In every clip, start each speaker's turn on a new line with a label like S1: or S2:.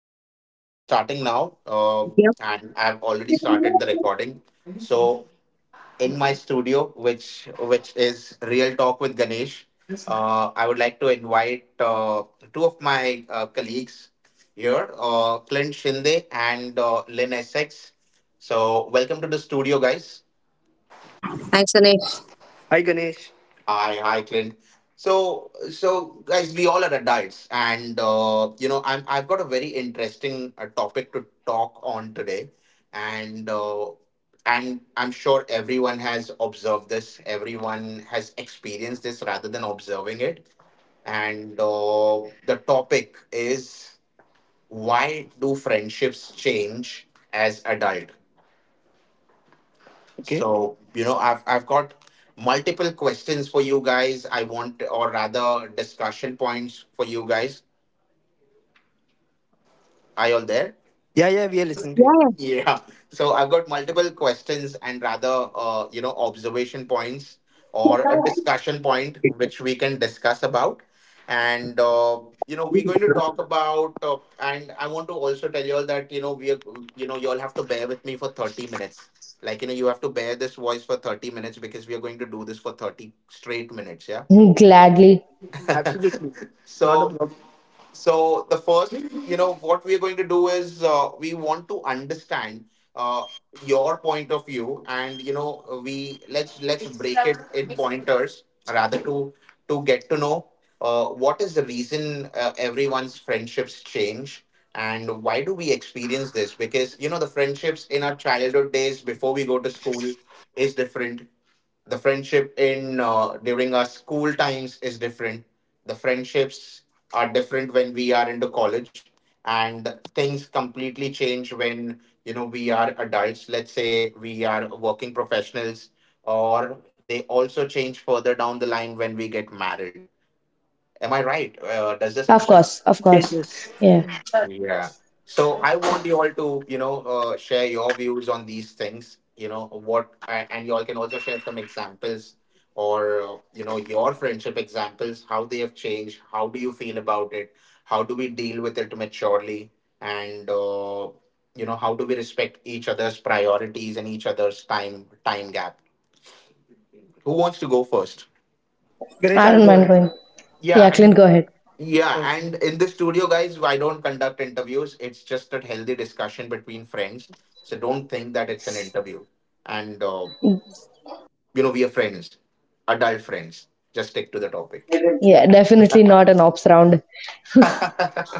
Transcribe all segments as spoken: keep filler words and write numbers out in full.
S1: we have start we are starting now, uh, and
S2: Yep.
S1: I've already started the recording. So in my studio, which which is Real Talk with Ganesh, uh, I would like to invite uh, two of my uh, colleagues here, uh, Clint Shinde and uh, Lynn Essex. So welcome to the studio, guys.
S2: Thanks, Anish.
S1: Hi, hi, Clint. So, so guys, we all are adults, and uh, you know, I'm I've got a very interesting uh, topic to talk on today, and uh, and I'm sure everyone has observed this, everyone has experienced this rather than observing it, and uh, the topic is why do friendships change as adult? So, you know, I've I've got multiple questions for you guys. I want, or rather, discussion points for you guys. Are you all there?
S3: Yeah, yeah, we are listening to you.
S2: Yeah,
S1: Yeah. So I've got multiple questions and rather, uh, you know, observation points or a discussion point which we can discuss about. And, uh, you know, we're going to talk about, uh, and I want to also tell you all that, you know, we are, you know, you all have to bear with me for thirty minutes. Like, you know, you have to bear this voice for thirty minutes because we are going to do this for thirty straight minutes. Yeah.
S2: yeah. Gladly.
S1: So, so the first, you know, what we are going to do is uh, we want to understand uh, your point of view, and you know, we let's let's break it in pointers rather to to get to know uh, what is the reason uh, everyone's friendships change and why do we experience this? Because you know, the friendships in our childhood days before we go to school is different. The friendship in uh, during our school times is different. The friendships are different when we are into college, and things completely change when, you know we are adults. Let's say we are working professionals, or they also change further down the line when we get married. Am I right? Uh, does this
S2: Of
S1: happen?
S2: course, of
S3: Yes,
S2: course.
S3: yes.
S2: Yeah.
S1: Yeah. So I want you all to, you know, uh, share your views on these things, you know, what, a- and you all can also share some examples or, uh, you know, your friendship examples, how they have changed, how do you feel about it, how do we deal with it maturely, and, uh, you know, how do we respect each other's priorities and each other's time time gap? Who wants to go first?
S3: Ganesh, I'll
S2: I
S3: go
S2: don't
S3: ahead.
S2: mind going.
S1: Yeah,
S2: Yeah, Clint,
S1: and
S2: go ahead.
S1: yeah,
S3: Okay.
S1: and in the studio, guys, I don't conduct interviews. It's just a healthy discussion between friends. So don't think that it's an interview. And, uh, you know, we are friends, adult friends. Just stick to the topic.
S2: Yeah, definitely not an ops round.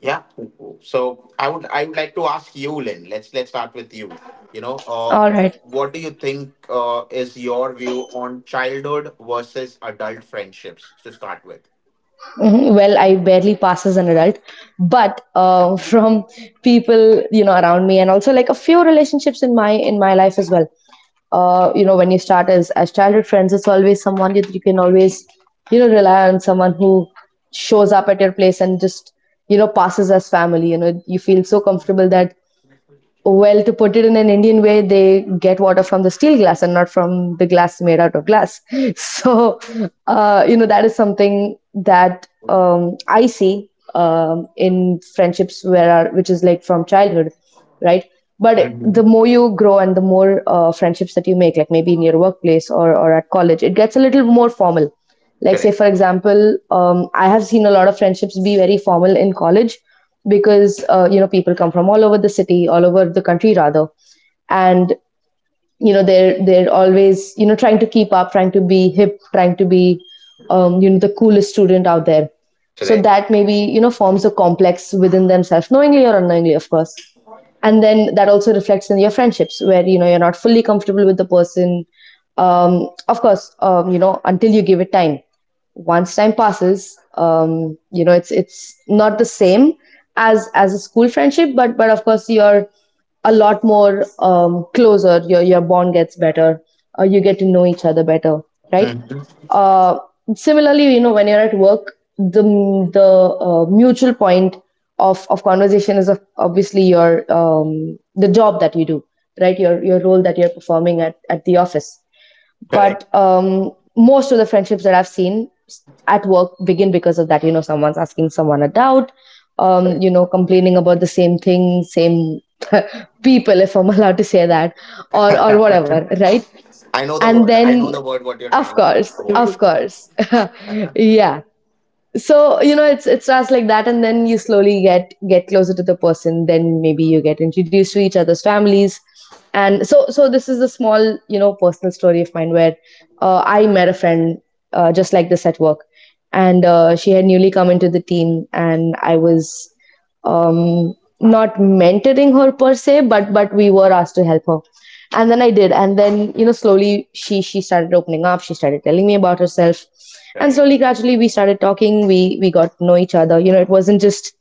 S1: Yeah. So I would I would like to ask you, Lynn. Let's let's start with you. You know, uh,
S2: All right.
S1: what do you think uh, is your view on childhood versus adult friendships to start with?
S2: Mhm. Well, I barely pass as an adult, but uh, from people you know around me, and also like a few relationships in my in my life as well. Uh, you know, when you start as as childhood friends, it's always someone that you can always you know rely on, someone who shows up at your place and just you know passes as family. You know, you feel so comfortable that, well, to put it in an Indian way, they get water from the steel glass and not from the glass made out of glass. So, uh, you know, that is something that um, I see um, in friendships where are, which is like from childhood, right? But the
S1: Mhm.
S2: more you grow and the more uh, friendships that you make, like maybe in your workplace or, or at college, it gets a little more formal. Like, say,
S1: Correct.
S2: for example, um, I have seen a lot of friendships be very formal in college because uh, you know people come from all over the city, all over the country rather, and you know they're they're always you know trying to keep up, trying to be hip, trying to be um, you know the coolest student out there, so
S1: Correct.
S2: that maybe you know forms a complex within themselves, knowingly or unknowingly of course, and then that also reflects in your friendships where you know you're not fully comfortable with the person, um, of course, um, you know until you give it time. Once time passes, um, you know it's it's not the same as as a school friendship, but but of course you're a lot more um, closer. Your your bond gets better. Uh, you get to know each other better, right?
S1: Mhm.
S2: Uh, similarly, you know, when you're at work, the the uh, mutual point of of conversation is of, obviously, your um, the job that you do, right? Your your role that you're performing at at the office.
S1: Correct.
S2: But um, most of the friendships that I've seen at work begin because of that. You know, someone's asking someone a doubt, um, you know, complaining about the same thing, same people, if I'm allowed to say that, or or
S1: Correct.
S2: whatever, right?
S1: I know the
S2: And
S1: word. I
S2: then,
S1: know the word what you're
S2: of
S1: trying to
S2: course,
S1: avoid.
S2: of course, yeah, so you know it's it starts like that, and then you slowly get get closer to the person, then maybe you get introduced to each other's families. And so so this is the small, you know personal story of mine where uh, I met a friend uh, just like this at work. And uh, she had newly come into the team, and I was, um, not mentoring her per se, but but we were asked to help her, and then I did. And then you know slowly she she started opening up, she started telling me about herself, and
S1: Correct.
S2: slowly, gradually, we started talking, we we got to know each other. you know it wasn't just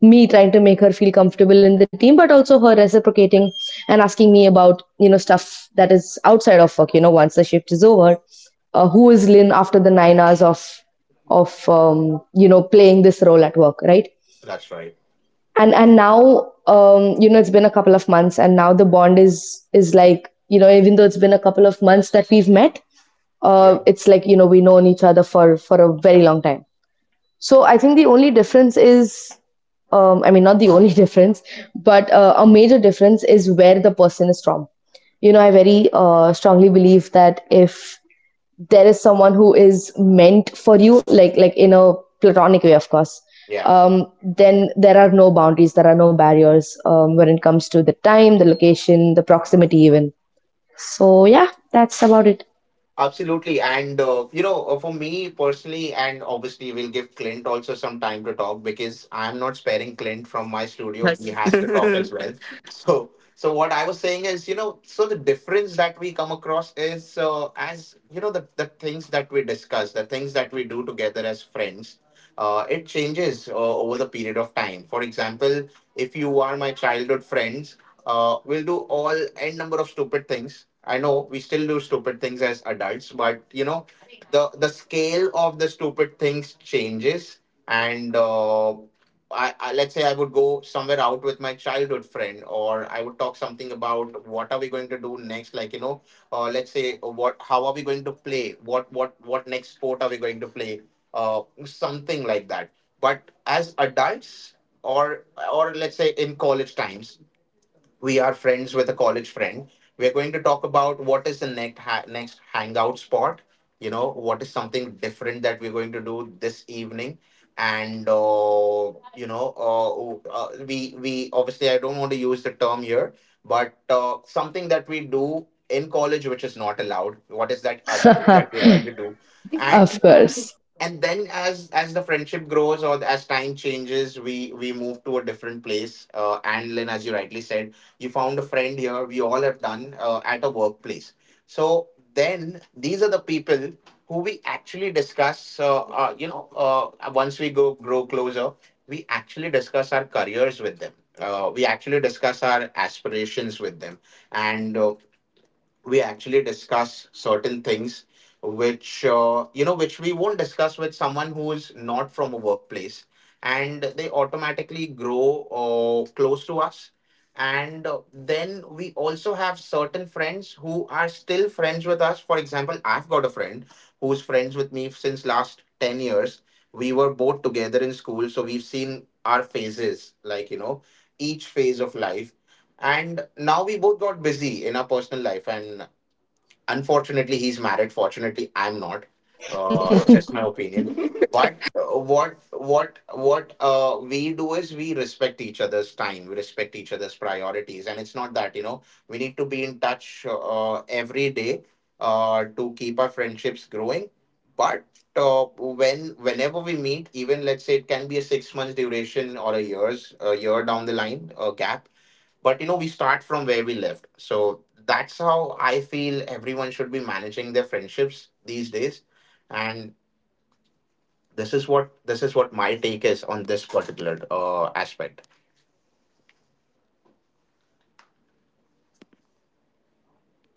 S2: me trying to make her feel comfortable in the team, but also her reciprocating and asking me about, you know stuff that is outside of work, you know once the shift is over. Uh, who is Lynn after the nine hours of of um, you know playing this role at work, right?
S1: That's right.
S2: and and Now, um you know it's been a couple of months, and now the bond is is like, you know even though it's been a couple of months that we've met, uh
S1: Yeah.
S2: it's like, you know we known each other for for a very long time. So I think the only difference is, um, I mean, not the only difference, but uh, a major difference is where the person is from. You know, I very uh, strongly believe that if there is someone who is meant for you, like like in a platonic way, of course,
S1: Yeah.
S2: um, then there are no boundaries, there are no barriers, um, when it comes to the time, the location, the proximity, even. So yeah, that's about it.
S1: Absolutely. And, uh, you know, uh, for me personally, and obviously we'll give Clint also some time to talk because I'm not sparing Clint from my studio. He
S3: Yes.
S1: has to talk as well. So, so what I was saying is, you know, so the difference that we come across is uh, as, you know, the, the things that we discuss, the things that we do together as friends, uh, it changes uh, over the period of time. For example, if you are my childhood friends, uh, we'll do all n number of stupid things. I know we still do stupid things as adults, but you know, the the scale of the stupid things changes, and uh, I, I let's say I would go somewhere out with my childhood friend, or I would talk something about what are we going to do next, like you know, uh, let's say uh, what how are we going to play, what what what next sport are we going to play, uh, something like that. But as adults, or or let's say in college times, we are friends with a college friend. We're going to talk about what is the next ha- next hangout spot. You know, what is something different that we're going to do this evening, and uh, you know, uh, uh, we we obviously I don't want to use the term here, but uh, something that we do in college which is not allowed. What is that other thing that we're going to do?
S2: Of course.
S1: And then, as as the friendship grows, or as time changes, we we move to a different place. Uh, and Lynn, as you rightly said, you found a friend here. We all have done, uh, at a workplace. So then, these are the people who we actually discuss, uh, uh, you know uh, once we go grow closer, we actually discuss our careers with them. Uh, we actually discuss our aspirations with them, and uh, we actually discuss certain things which uh, you know which we won't discuss with someone who is not from a workplace, and they automatically grow uh, close to us. And uh, then we also have certain friends who are still friends with us. For example, I've got a friend who's friends with me since last ten years. We were both together in school, so we've seen our phases, like you know each phase of life. And now we both got busy in our personal life, and unfortunately, he's married, fortunately, I'm not. Uh, just my opinion. But uh, what what what uh, we do is we respect each other's time, we respect each other's priorities, and it's not that you know we need to be in touch uh, every day uh, to keep our friendships growing. But uh, when whenever we meet, even let's say it can be a six months duration, or a years a year down the line, a gap, but you know we start from where we left. So that's how I feel everyone should be managing their friendships these days. And this is what this is what my take is on this particular uh, aspect.
S2: No, but that makes a lot of sense because,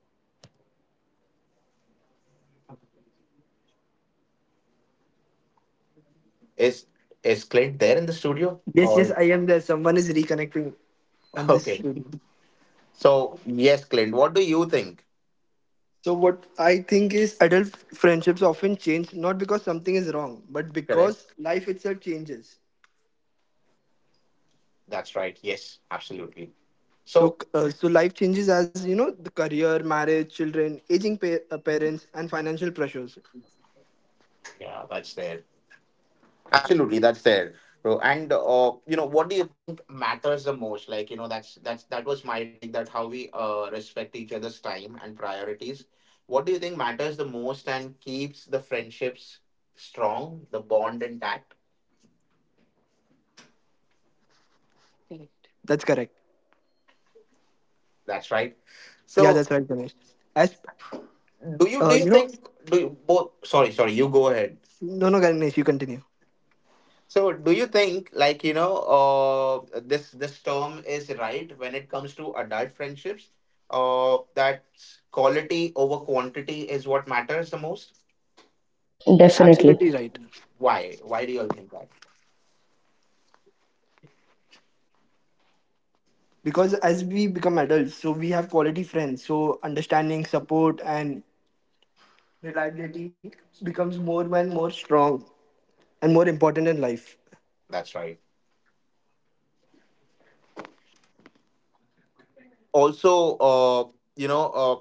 S2: uh, as you said, right, the bond is different. Even though, you know, it's a strong bond, uh, what you are basing it off of is very
S1: is
S2: different. Like, for
S1: is Clint
S2: example,
S1: there in the studio,
S3: Yes, yes,
S1: or
S3: I am there. Someone is
S2: Cl-
S3: reconnecting
S2: right,
S3: on this
S1: okay,
S3: studio.
S1: so yes, Clint, what do you think?
S3: So what I think is adult friendships often change not because something is wrong, but
S1: Correct.
S3: because life itself changes.
S1: That's right. Yes, absolutely.
S3: So
S1: So
S3: uh, so life changes as you know the career, marriage, children, aging pa- uh, parents, and financial pressures.
S1: yeah, that's there. Absolutely, that's there, bro. And uh, you know, what do you think matters the most? Like, you know, that's that's that was my take, that how we uh respect each other's time and priorities. What do you think matters the most and keeps the friendships strong, the bond intact?
S3: Correct. That's correct.
S1: That's right.
S3: Yeah,
S1: So,
S3: that's right, Ganesh. As
S1: do you
S3: uh,
S1: do you
S3: you know,
S1: think do you both? Sorry, sorry, you go ahead.
S3: no, no, Ganesh, you continue.
S1: So, do you think, like, you know, uh, this this term is right when it comes to adult friendships? Uh, that quality over quantity is what matters the most.
S2: definitely.
S3: Absolutely right.
S1: Why? Why do you all think that?
S3: Because as we become adults so we have quality friends, so understanding, support and reliability becomes more and more strong and more important in life.
S1: That's right. Also, uh, you know uh,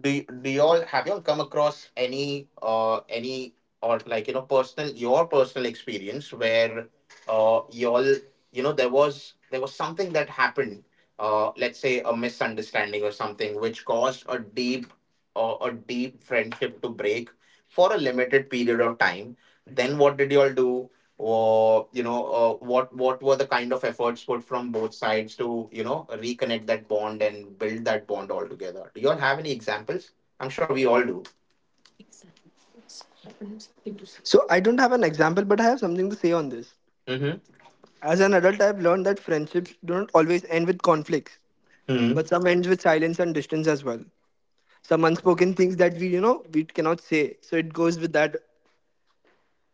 S1: do, do you all have you all come across any uh, any or like you know personal your personal experience where uh, you all you know there was there was something that happened, uh, let's say a misunderstanding or something which caused a deep, uh, a deep friendship to break for a limited period of time? Then what did you all do, or you know uh, what what were the kind of efforts put from both sides to you know reconnect that bond and build that bond altogether? Do you all have any examples? I'm sure we all do.
S3: So I don't have an example, but I have something to say on this.
S1: Mm-hmm.
S3: As an adult I've learned that friendships don't always end with conflicts, but
S1: Hmm.
S3: some ends with silence and distance as well. Some unspoken things that we you know we cannot say, so it goes with that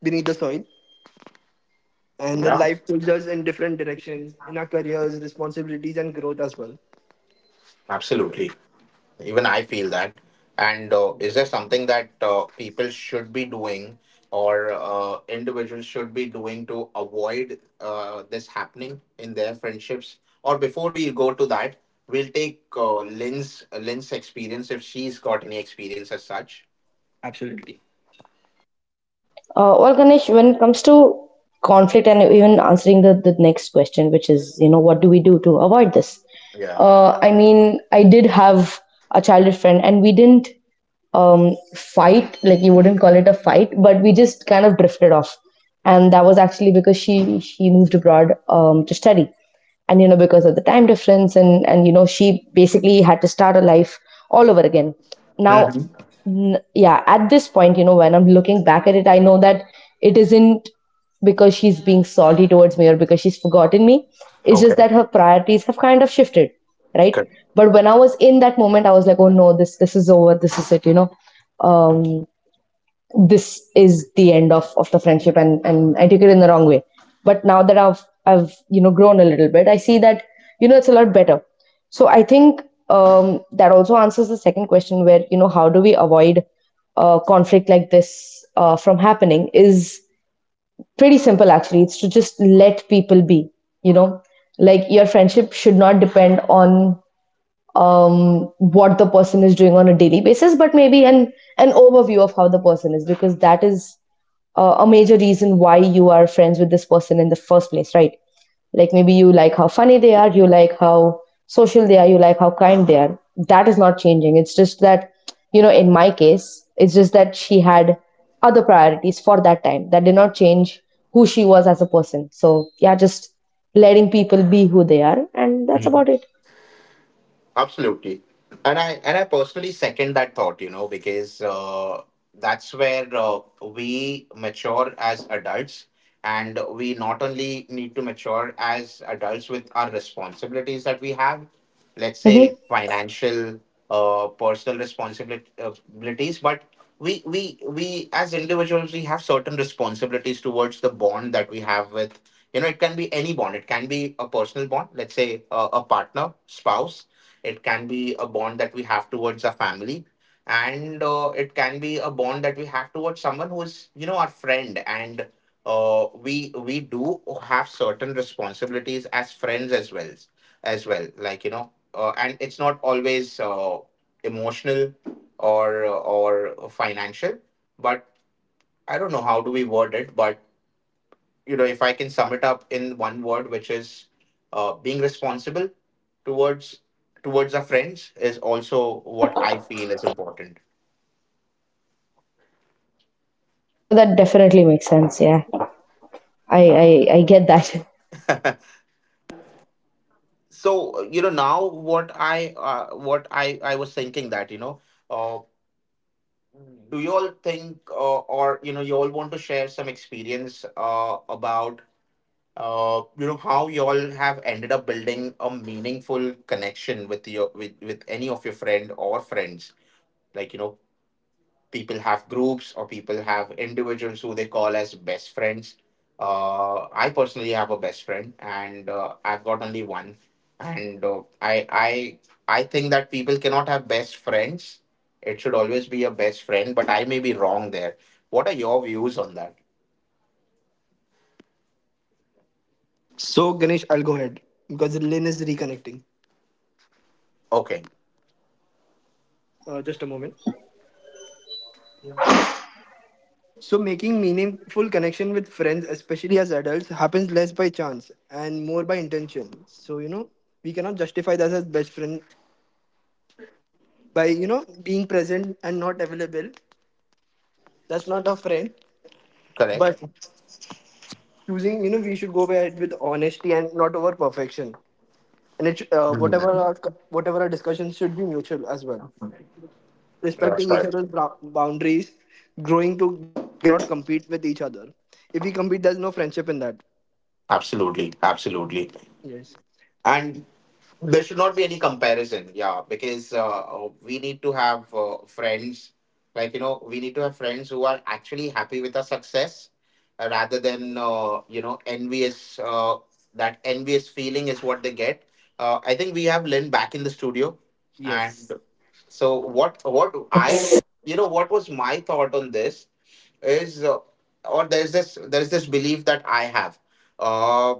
S3: beneath the soil. And then
S1: Yeah,
S3: life pulls us in different directions in our careers, responsibilities and growth as well.
S1: absolutely. Even I feel that. And uh, is there something that uh, people should be doing or uh, individuals should be doing to avoid uh, this happening in their friendships? Or before we go to that, we'll take uh, Lynn's Lynn's experience if she's got any experience as such.
S3: Absolutely.
S2: Uh, well, Ganesh, when it comes to conflict, and even answering the, the, next question, which is, you know, what do we do to avoid this?
S1: Yeah.
S2: Uh, I mean, I did have a childhood friend, and we didn't, um, fight. Like, you wouldn't call it a fight, but we just kind of drifted off. And that was actually because she she moved abroad um, to study. And you know because of the time difference, and and you know she basically had to start her life all over again now.
S1: Hmm.
S2: N- yeah, at this point, you know when I'm looking back at it, I know that it isn't because she's being salty towards me, or because she's forgotten me. It's just
S1: Okay.
S2: that her priorities have kind of shifted, right? But when I was in that moment, I was like, oh no, this this is over, this is it you know um this is the end, of, of the friendship, and, and I took it in the wrong way. But now that I've I've you know grown a little bit, I see that you know it's a lot better. So I think, um, that also answers the second question, where you know how do we avoid uh, conflict like this uh, from happening, is pretty simple actually. It's to just let people be. You know, like your friendship should not depend on, um, what the person is doing on a daily basis, but maybe an an overview of how the person is, because that is uh, a major reason why you are friends with this person in the first place, right? Like, maybe you like how funny they are, you like how social they are, you like how kind they are. That is not changing. It's just that, you know, in my case, it's just that she had other priorities for that time, that did not change who she was as a person. So, yeah, just letting people be who they are, and that's
S1: Good.
S2: about it.
S1: Absolutely. And I and I personally second that thought, you know, because uh, that's where uh, we mature as adults, and we not only need to mature as adults with our responsibilities that we have, let's say
S2: Mm-hmm.
S1: financial, uh, personal responsibilities, but we we we as individuals, we have certain responsibilities towards the bond that we have with you know It can be any bond. It can be a personal bond. Let's say uh, a partner, spouse. It can be a bond that we have towards our family, and uh, it can be a bond that we have towards someone who is, you know, our friend. And uh, we we do have certain responsibilities as friends as well, as well. Like you know, uh, and it's not always uh, emotional or or financial, but I don't know how do we word it, but you know, if I can sum it up in one word, which is uh, being responsible towards towards our friends, is also what
S2: Yep.
S1: I feel is important.
S2: But that definitely makes sense. Yeah, I I, I get that.
S1: so you know now what I uh, what I I was thinking that you know. Uh, do you all think, uh, or you know you all want to share some experience uh, about, uh, you know how you all have ended up building a meaningful connection with your with, with any of your friend or friends, like you know people have groups or people have individuals who they call as best friends. Uh, I personally have a best friend, and uh, I've got only one. And uh, I, I, I think that people cannot have best friends. It should always be a best friend, but I may be wrong there. What are your views on that?
S3: So, Ganesh, I'll go ahead because Lynn is reconnecting.
S1: Okay,
S3: Uh, just a moment. So, making meaningful connection with friends, especially as adults, happens less by chance and more by intention. So, you know, we cannot justify that as best friend by, you know, being present and not available. That's not a friend.
S1: correct.
S3: But choosing, you know, we should go ahead with honesty and not over perfection. And it, sh- uh,
S1: Hmm.
S3: whatever our co- whatever our discussions should be mutual as well.
S1: That's
S3: Respecting each
S1: right.
S3: other's brou- boundaries, growing together, and not compete with each other. If we compete, there's no friendship in that.
S1: Absolutely, absolutely.
S3: Yes,
S1: And there should not be any comparison, yeah, because uh, uh, we need to have uh, friends, like you know we need to have friends who are actually happy with our success, uh, rather than, uh, you know envious. Uh, that envious feeling is what they get. uh, I think we have Lynn back in the studio. And so what what I
S2: Yes,
S1: you know what was my thought on this is, uh, or there's this, there's this belief that I have, uh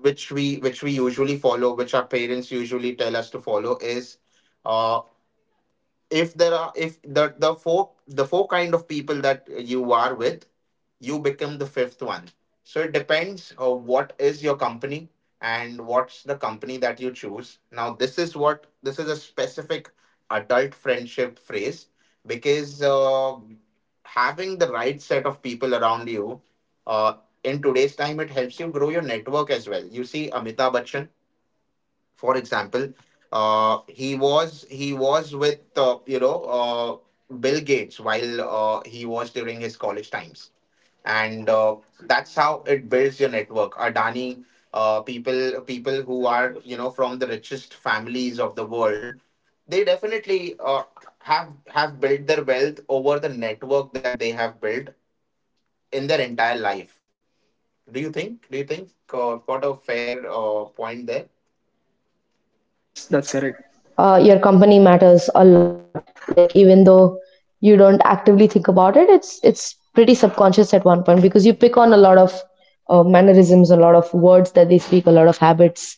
S1: which we, which we usually follow, which our parents usually tell us to follow, is, uh, if there are if the the four the four kind of people that you are with, you become the fifth one. So it depends on what is your company and what's the company that you choose. Now this is what, this is a specific adult friendship phrase, because, uh, having the right set of people around you, uh, in today's time it helps you grow your network as well. You see Amitabh Bachchan, for example. uh, he was he was with, uh, you know uh, Bill Gates, while uh, he was during his college times. And uh, that's how it builds your network. Adani, uh, people people who are, you know from the richest families of the world, they definitely uh, have have built their wealth over the network that they have built in their entire life. Do you think do you think uh, got a fair uh, point there?
S3: that's that's
S2: yes.
S3: correct.
S2: Uh, your company matters a lot. Like, even though you don't actively think about it, it's it's pretty subconscious at one point, because you pick on a lot of uh, mannerisms, a lot of words that they speak, a lot of habits,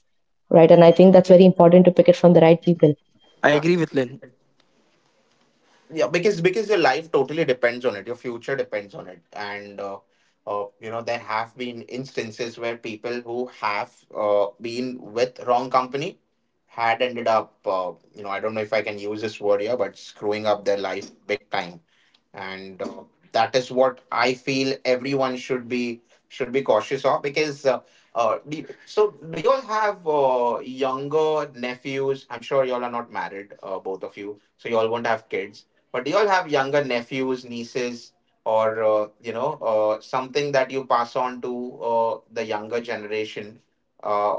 S2: right? And I think that's very important, to pick it from the right people.
S3: I agree with
S1: Absolutely.
S3: Lynn.
S1: Yeah, because because your life totally depends on it. Your future depends on it. And, uh, uh, you know there have been instances where people who have, uh, been with wrong company had ended up, uh, you know I don't know if I can use this word here, but screwing up their life big time. And uh, that is what I feel everyone should be, should be cautious of, because, uh, uh, do you- so do you all have uh, younger nephews? I'm sure you all are not married, uh, both of you, so you all won't have kids. But do you all have younger nephews, nieces, or, uh, you know uh, something that you pass on to uh, the younger generation? Uh,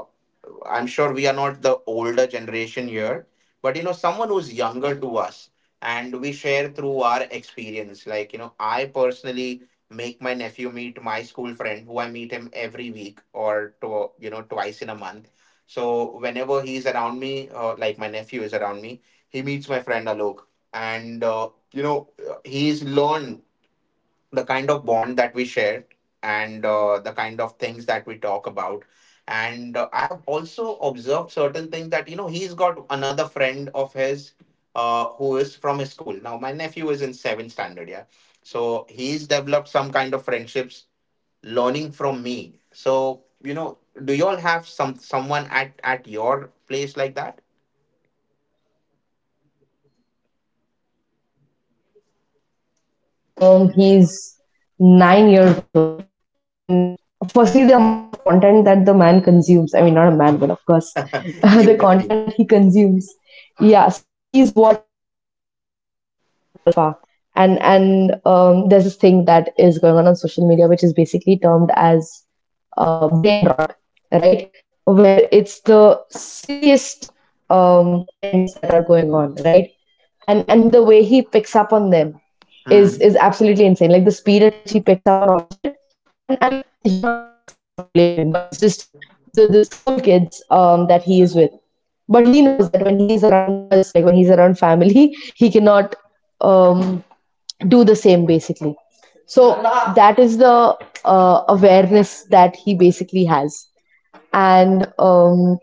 S1: I'm sure we are not the older generation here, but, you know, someone who's younger to us, and we share through our experience. Like, you know, I personally make my nephew meet my school friend, who I meet him every week or to, you know, twice in a month. So whenever he's around me, uh, like my nephew is around me, he meets my friend Alok. And, uh, you know, uh, he's learned the kind of bond that we share, and uh, the kind of things that we talk about. And uh, I have also observed certain things, that, you know he's got another friend of his, uh, who is from his school. Now my nephew is in seventh standard, yeah, so he's developed some kind of friendships learning from me. So, you know do you all have some someone at at your place like that?
S2: Yes, I do have a cousin. Um, he's nine years old. And firstly, the amount of content that the man consumes, I mean, not a man, but of course,
S1: You
S2: the
S1: with me?
S2: content that he consumes. Yeah, so he's what we call Gen Alpha. And, and um, there's this thing that is going on on social media, which is basically termed as uh, brain rot, right? Where it's the silliest, um, trends that are going on, right? And and the way he picks up on them is is absolutely insane, like the speed at which he picks up on all of it. And and you know I obviously don't blame him, but it's just the the school kids, um that he is with. But he knows that when he is around us, like when he's around family, he cannot, um do the same basically. So that is the uh, awareness that he basically has. And um,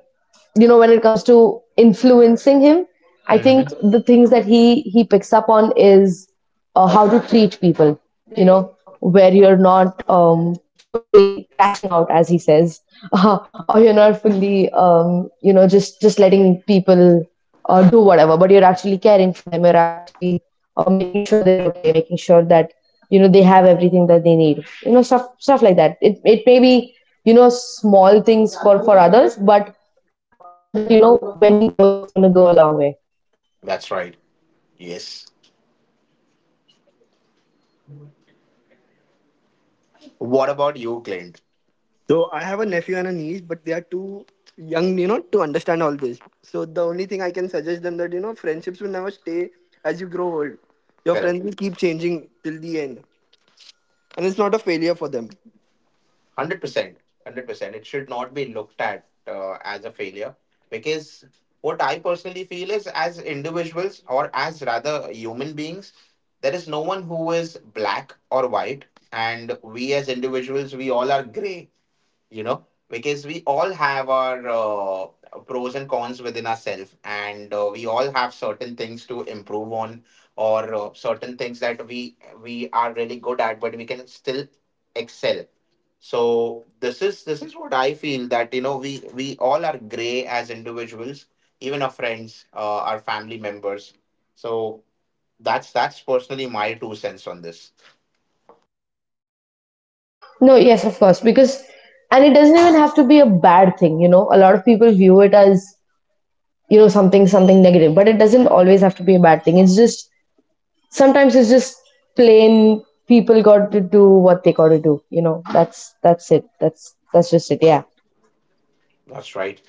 S2: you know when it comes to influencing him, I think
S1: Mm-hmm.
S2: the things that he he picks up on is, uh, how to treat people. you know where you're not, um, fully crashing out, as he says, or you're not fully, um, you know just just letting people uh, do whatever, but you're actually caring for them, you're actually uh, making sure they're okay, making sure that you know they have everything that they need, you know stuff stuff like that. It it may be, you know small things for for others, but I know that you know when he grows, it's going to go a long way.
S1: That's right. Yes. What about you, Clint?
S3: So I have a nephew and a niece, but they are too young, you know, to understand all this. So the only thing I can suggest them that you know, friendships will never stay as you grow old. Your
S1: Correct.
S3: friends will keep changing till the end, and it's not a failure for them.
S1: One hundred percent, one hundred percent. It should not be looked at, uh, as a failure, because what I personally feel is, as individuals or as rather human beings, there is no one who is black or white. And we, as individuals, we all are gray, you know because we all have our, uh, pros and cons within ourselves. And uh, we all have certain things to improve on, or, uh, certain things that we we are really good at, but we can still excel. So this is this is what I feel, that, you know we we all are gray as individuals, even our friends, uh, our family members. So that's that's personally my two cents on this.
S2: No, yes, of course, because, and it doesn't even have to be a bad thing. you know a lot of people view it as, you know something something negative, but it doesn't always have to be a bad thing. It's just sometimes it's just plain, people got to do what they got to do. you know that's that's it, that's that's just it.
S1: That's right.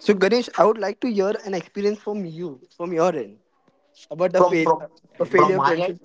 S3: So Ganesh, I would like to hear an experience from you, from your end, about a
S1: from
S3: fail,
S1: from
S3: a
S1: from
S3: failure
S1: my
S3: friendship.
S1: end?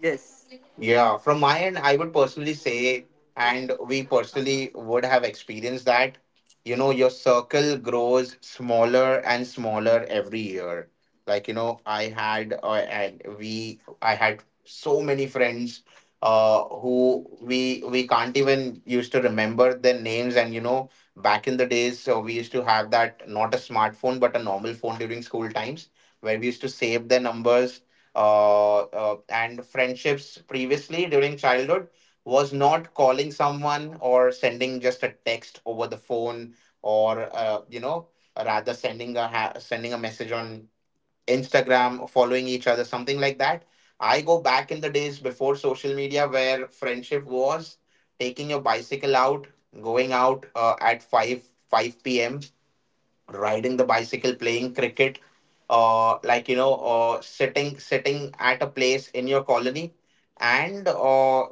S3: Yes.
S1: Yeah, from my end, I would personally say, and we personally would have experienced that, you know, your circle grows smaller and smaller every year. Like, you know, I had, uh, and we, I had so many friends, uh, who we, we can't even used to remember their names. And, you know, back in the days, so we used to have that, not a smartphone, but a normal phone during school times, where we used to save their numbers. Uh, uh, and friendships previously during childhood was not calling someone or sending just a text over the phone, or, uh, you know rather sending a ha- sending a message on Instagram, following each other, something like that. I go back in the days before social media, where friendship was taking your bicycle out, going out uh, at five five p m., riding the bicycle, playing cricket, uh, like you know, uh, sitting sitting at a place in your colony, and uh,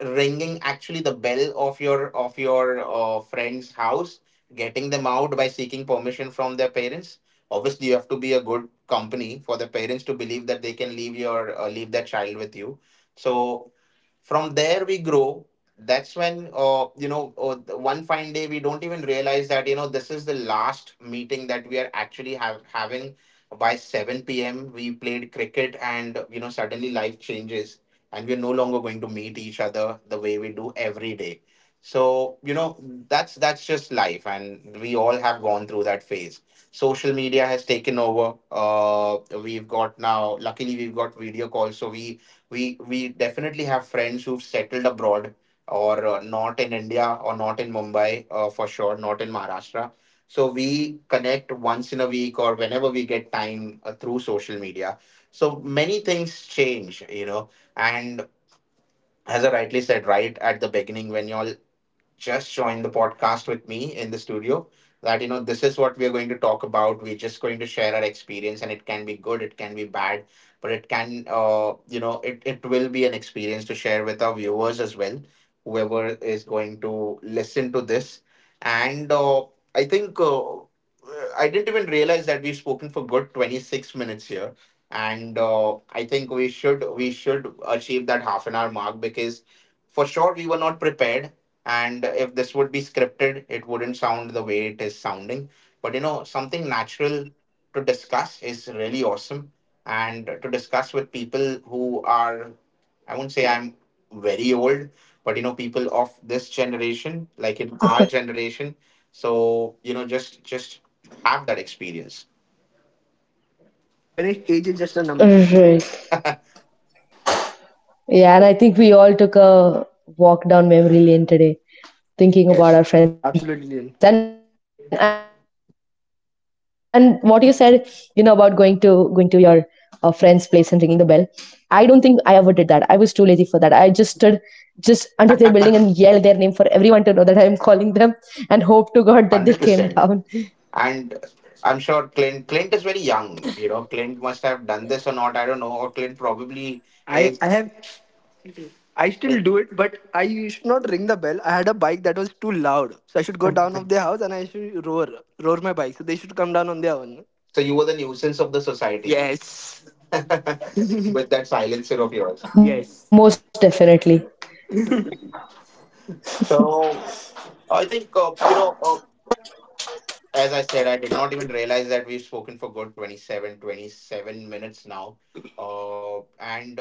S1: ringing actually the bell of your, of your uh, friend's house, getting them out by seeking permission from their parents. Obviously, you have to be a good company for the parents to believe that they can leave your, uh, leave their child with you. So from there we grow. That's when, uh, you know uh, one fine day we don't even realize that, you know this is the last meeting that we are actually have having. By seven p m. we played cricket, and, you know suddenly life changes, and we're no longer going to meet each other the way we do every day. So, you know that's that's just life, and we all have gone through that phase. Social media has taken over. Uh we've got now Luckily, we've got video calls, so we we we definitely have friends who've settled abroad, or, uh, not in India, or not in Mumbai, uh, for sure not in Maharashtra. So we connect once in a week or whenever we get time, uh, through social media. So many things change, you know and, as I rightly said right at the beginning when you're just joined the podcast with me in the studio, that, you know this is what we are going to talk about. We're just going to share our experience, and it can be good, it can be bad, but it can uh you know it, it will be an experience to share with our viewers as well, whoever is going to listen to this. And uh, I think uh, I didn't even realize that we've spoken for good twenty-six minutes here. And uh, I think we should we should achieve that half an hour mark, because for sure we were not prepared, and if this would be scripted, it wouldn't sound the way it is sounding. But, you know something natural to discuss is really awesome, and to discuss with people who are, I won't say I'm very old, but, you know people of this generation, like in our generation. So, you know just just have that experience.
S3: Ganesh, age is just a number.
S2: Yeah, right. Yeah, and I think we all took a walk down memory lane today, thinking about
S1: Yes,
S2: our friends. And and
S3: Absolutely.
S2: what you
S3: Ian.
S2: said, you know, about going to going to your uh, friend's place and ringing the bell. I don't think I ever did that. I was too lazy for that. I just stood just under their building and yelled their name for everyone to know that I'm calling them, and hope to God that they came down.
S1: one hundred percent. And I'm sure, clint clint is very young. you know Clint must have done this or not, I don't know, or Clint probably
S3: I, I
S1: is.
S3: have I
S1: So
S3: still do it, but I used to not ring the bell. I had a bike that was too loud. So I should go down of the house and I should roar. Roar my bike. So they should come down on their own.
S1: you were the nuisance of the society.
S3: Yes.
S2: Most
S1: With that
S2: definitely.
S1: silencer of yours.
S3: Yes.
S1: So I think, uh, you know, uh, as I said, I did not even realize that we've spoken for good twenty-seven, twenty-seven minutes now. Uh, and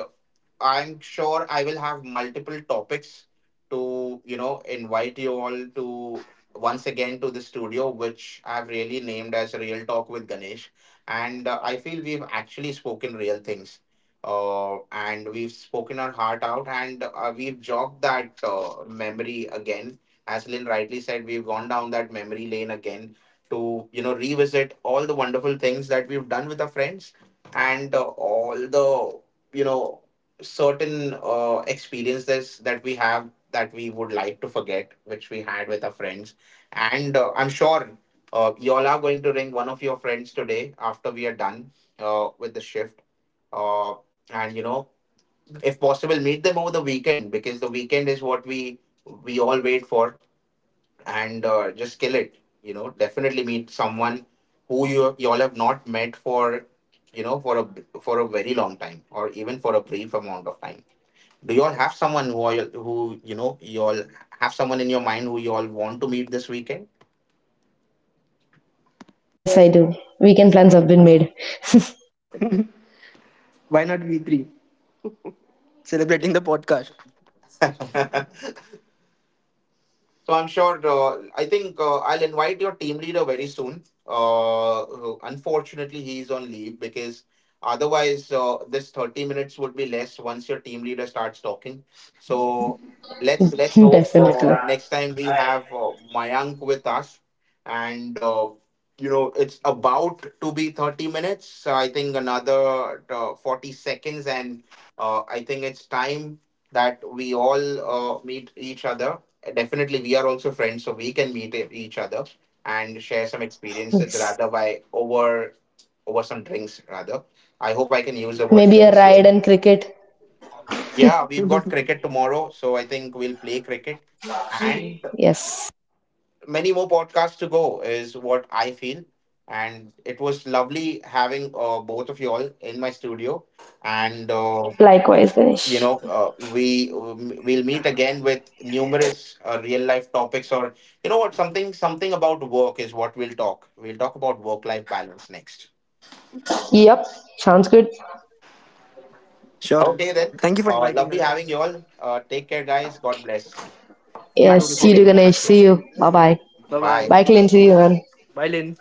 S1: I'm sure I will have multiple topics to, you know, invite you all to, once again, to the studio, which I've really named as Real Talk with Ganesh. And uh, I feel we've actually spoken real things. Uh, and we've spoken our heart out, and uh, we've jogged that, uh, memory again. As Lynn rightly said, we've gone down that memory lane again to, you know, revisit all the wonderful things that we've done with our friends, and uh, all the, you know certain uh, experiences that we have, that we would like to forget, which we had with our friends. And uh, I'm sure, uh, you all are going to ring one of your friends today after we are done, uh, with the shift. Uh, and, you know, if possible, meet them over the weekend, because the weekend is what we we all wait for. And uh, just kill it. You know, definitely meet someone who you you all have
S2: Yes.
S1: not met for, you know for a for a very long time, or even for a brief amount of time. Do you all have someone, who all, who, you know you all have someone in your mind who you all want to meet this weekend?
S2: Yes, I do. Weekend plans have been made.
S3: Why not we three? Celebrating the podcast.
S1: So I'm sure. Uh, I think uh, I'll invite your team leader very soon. Uh, who- unfortunately, he's on leave, because otherwise, uh, this thirty minutes would be less once your team leader starts talking. So let's let's hope
S3: That's
S2: Definitely.
S1: uh,
S3: correct.
S1: next time we have uh, Mayank with us, and, uh, you know it's about to be thirty minutes. So I think another uh, forty seconds, and uh, I think it's time that we all, uh, meet each other. Definitely we are also friends, so we can meet e- each other, and share some experiences
S2: Yes.
S1: rather, by over over some drinks rather. I hope I can use the word
S2: Maybe a
S1: drinks
S2: ride
S1: here.
S2: and cricket.
S1: Yeah, we've got cricket tomorrow, so I think we'll play cricket, and
S2: Yes.
S1: many more podcasts to go is what I feel. And it was lovely having uh, both of you all in my studio. And, uh,
S2: Likewise,
S1: you
S2: Ganesh.
S1: know uh, we we'll meet again with numerous uh, real life topics. Or, you know what something something about work is what we'll talk we'll talk about. Work life balance next.
S2: Yep. Sounds good.
S3: Sure, Ganesh.
S1: Okay then.
S3: Thank you for
S1: Uh,
S3: inviting
S1: lovely
S3: us.
S1: having you all. Uh, take care, guys. God bless.
S3: You too.
S1: Thank
S2: Yes.
S1: you for
S2: See you,
S1: being in my
S2: Ganesh. See
S1: studio.
S2: you. Bye bye.
S3: Bye bye.
S1: Bye.
S2: Bye, Clint. See you, man.
S3: Bye Lynn.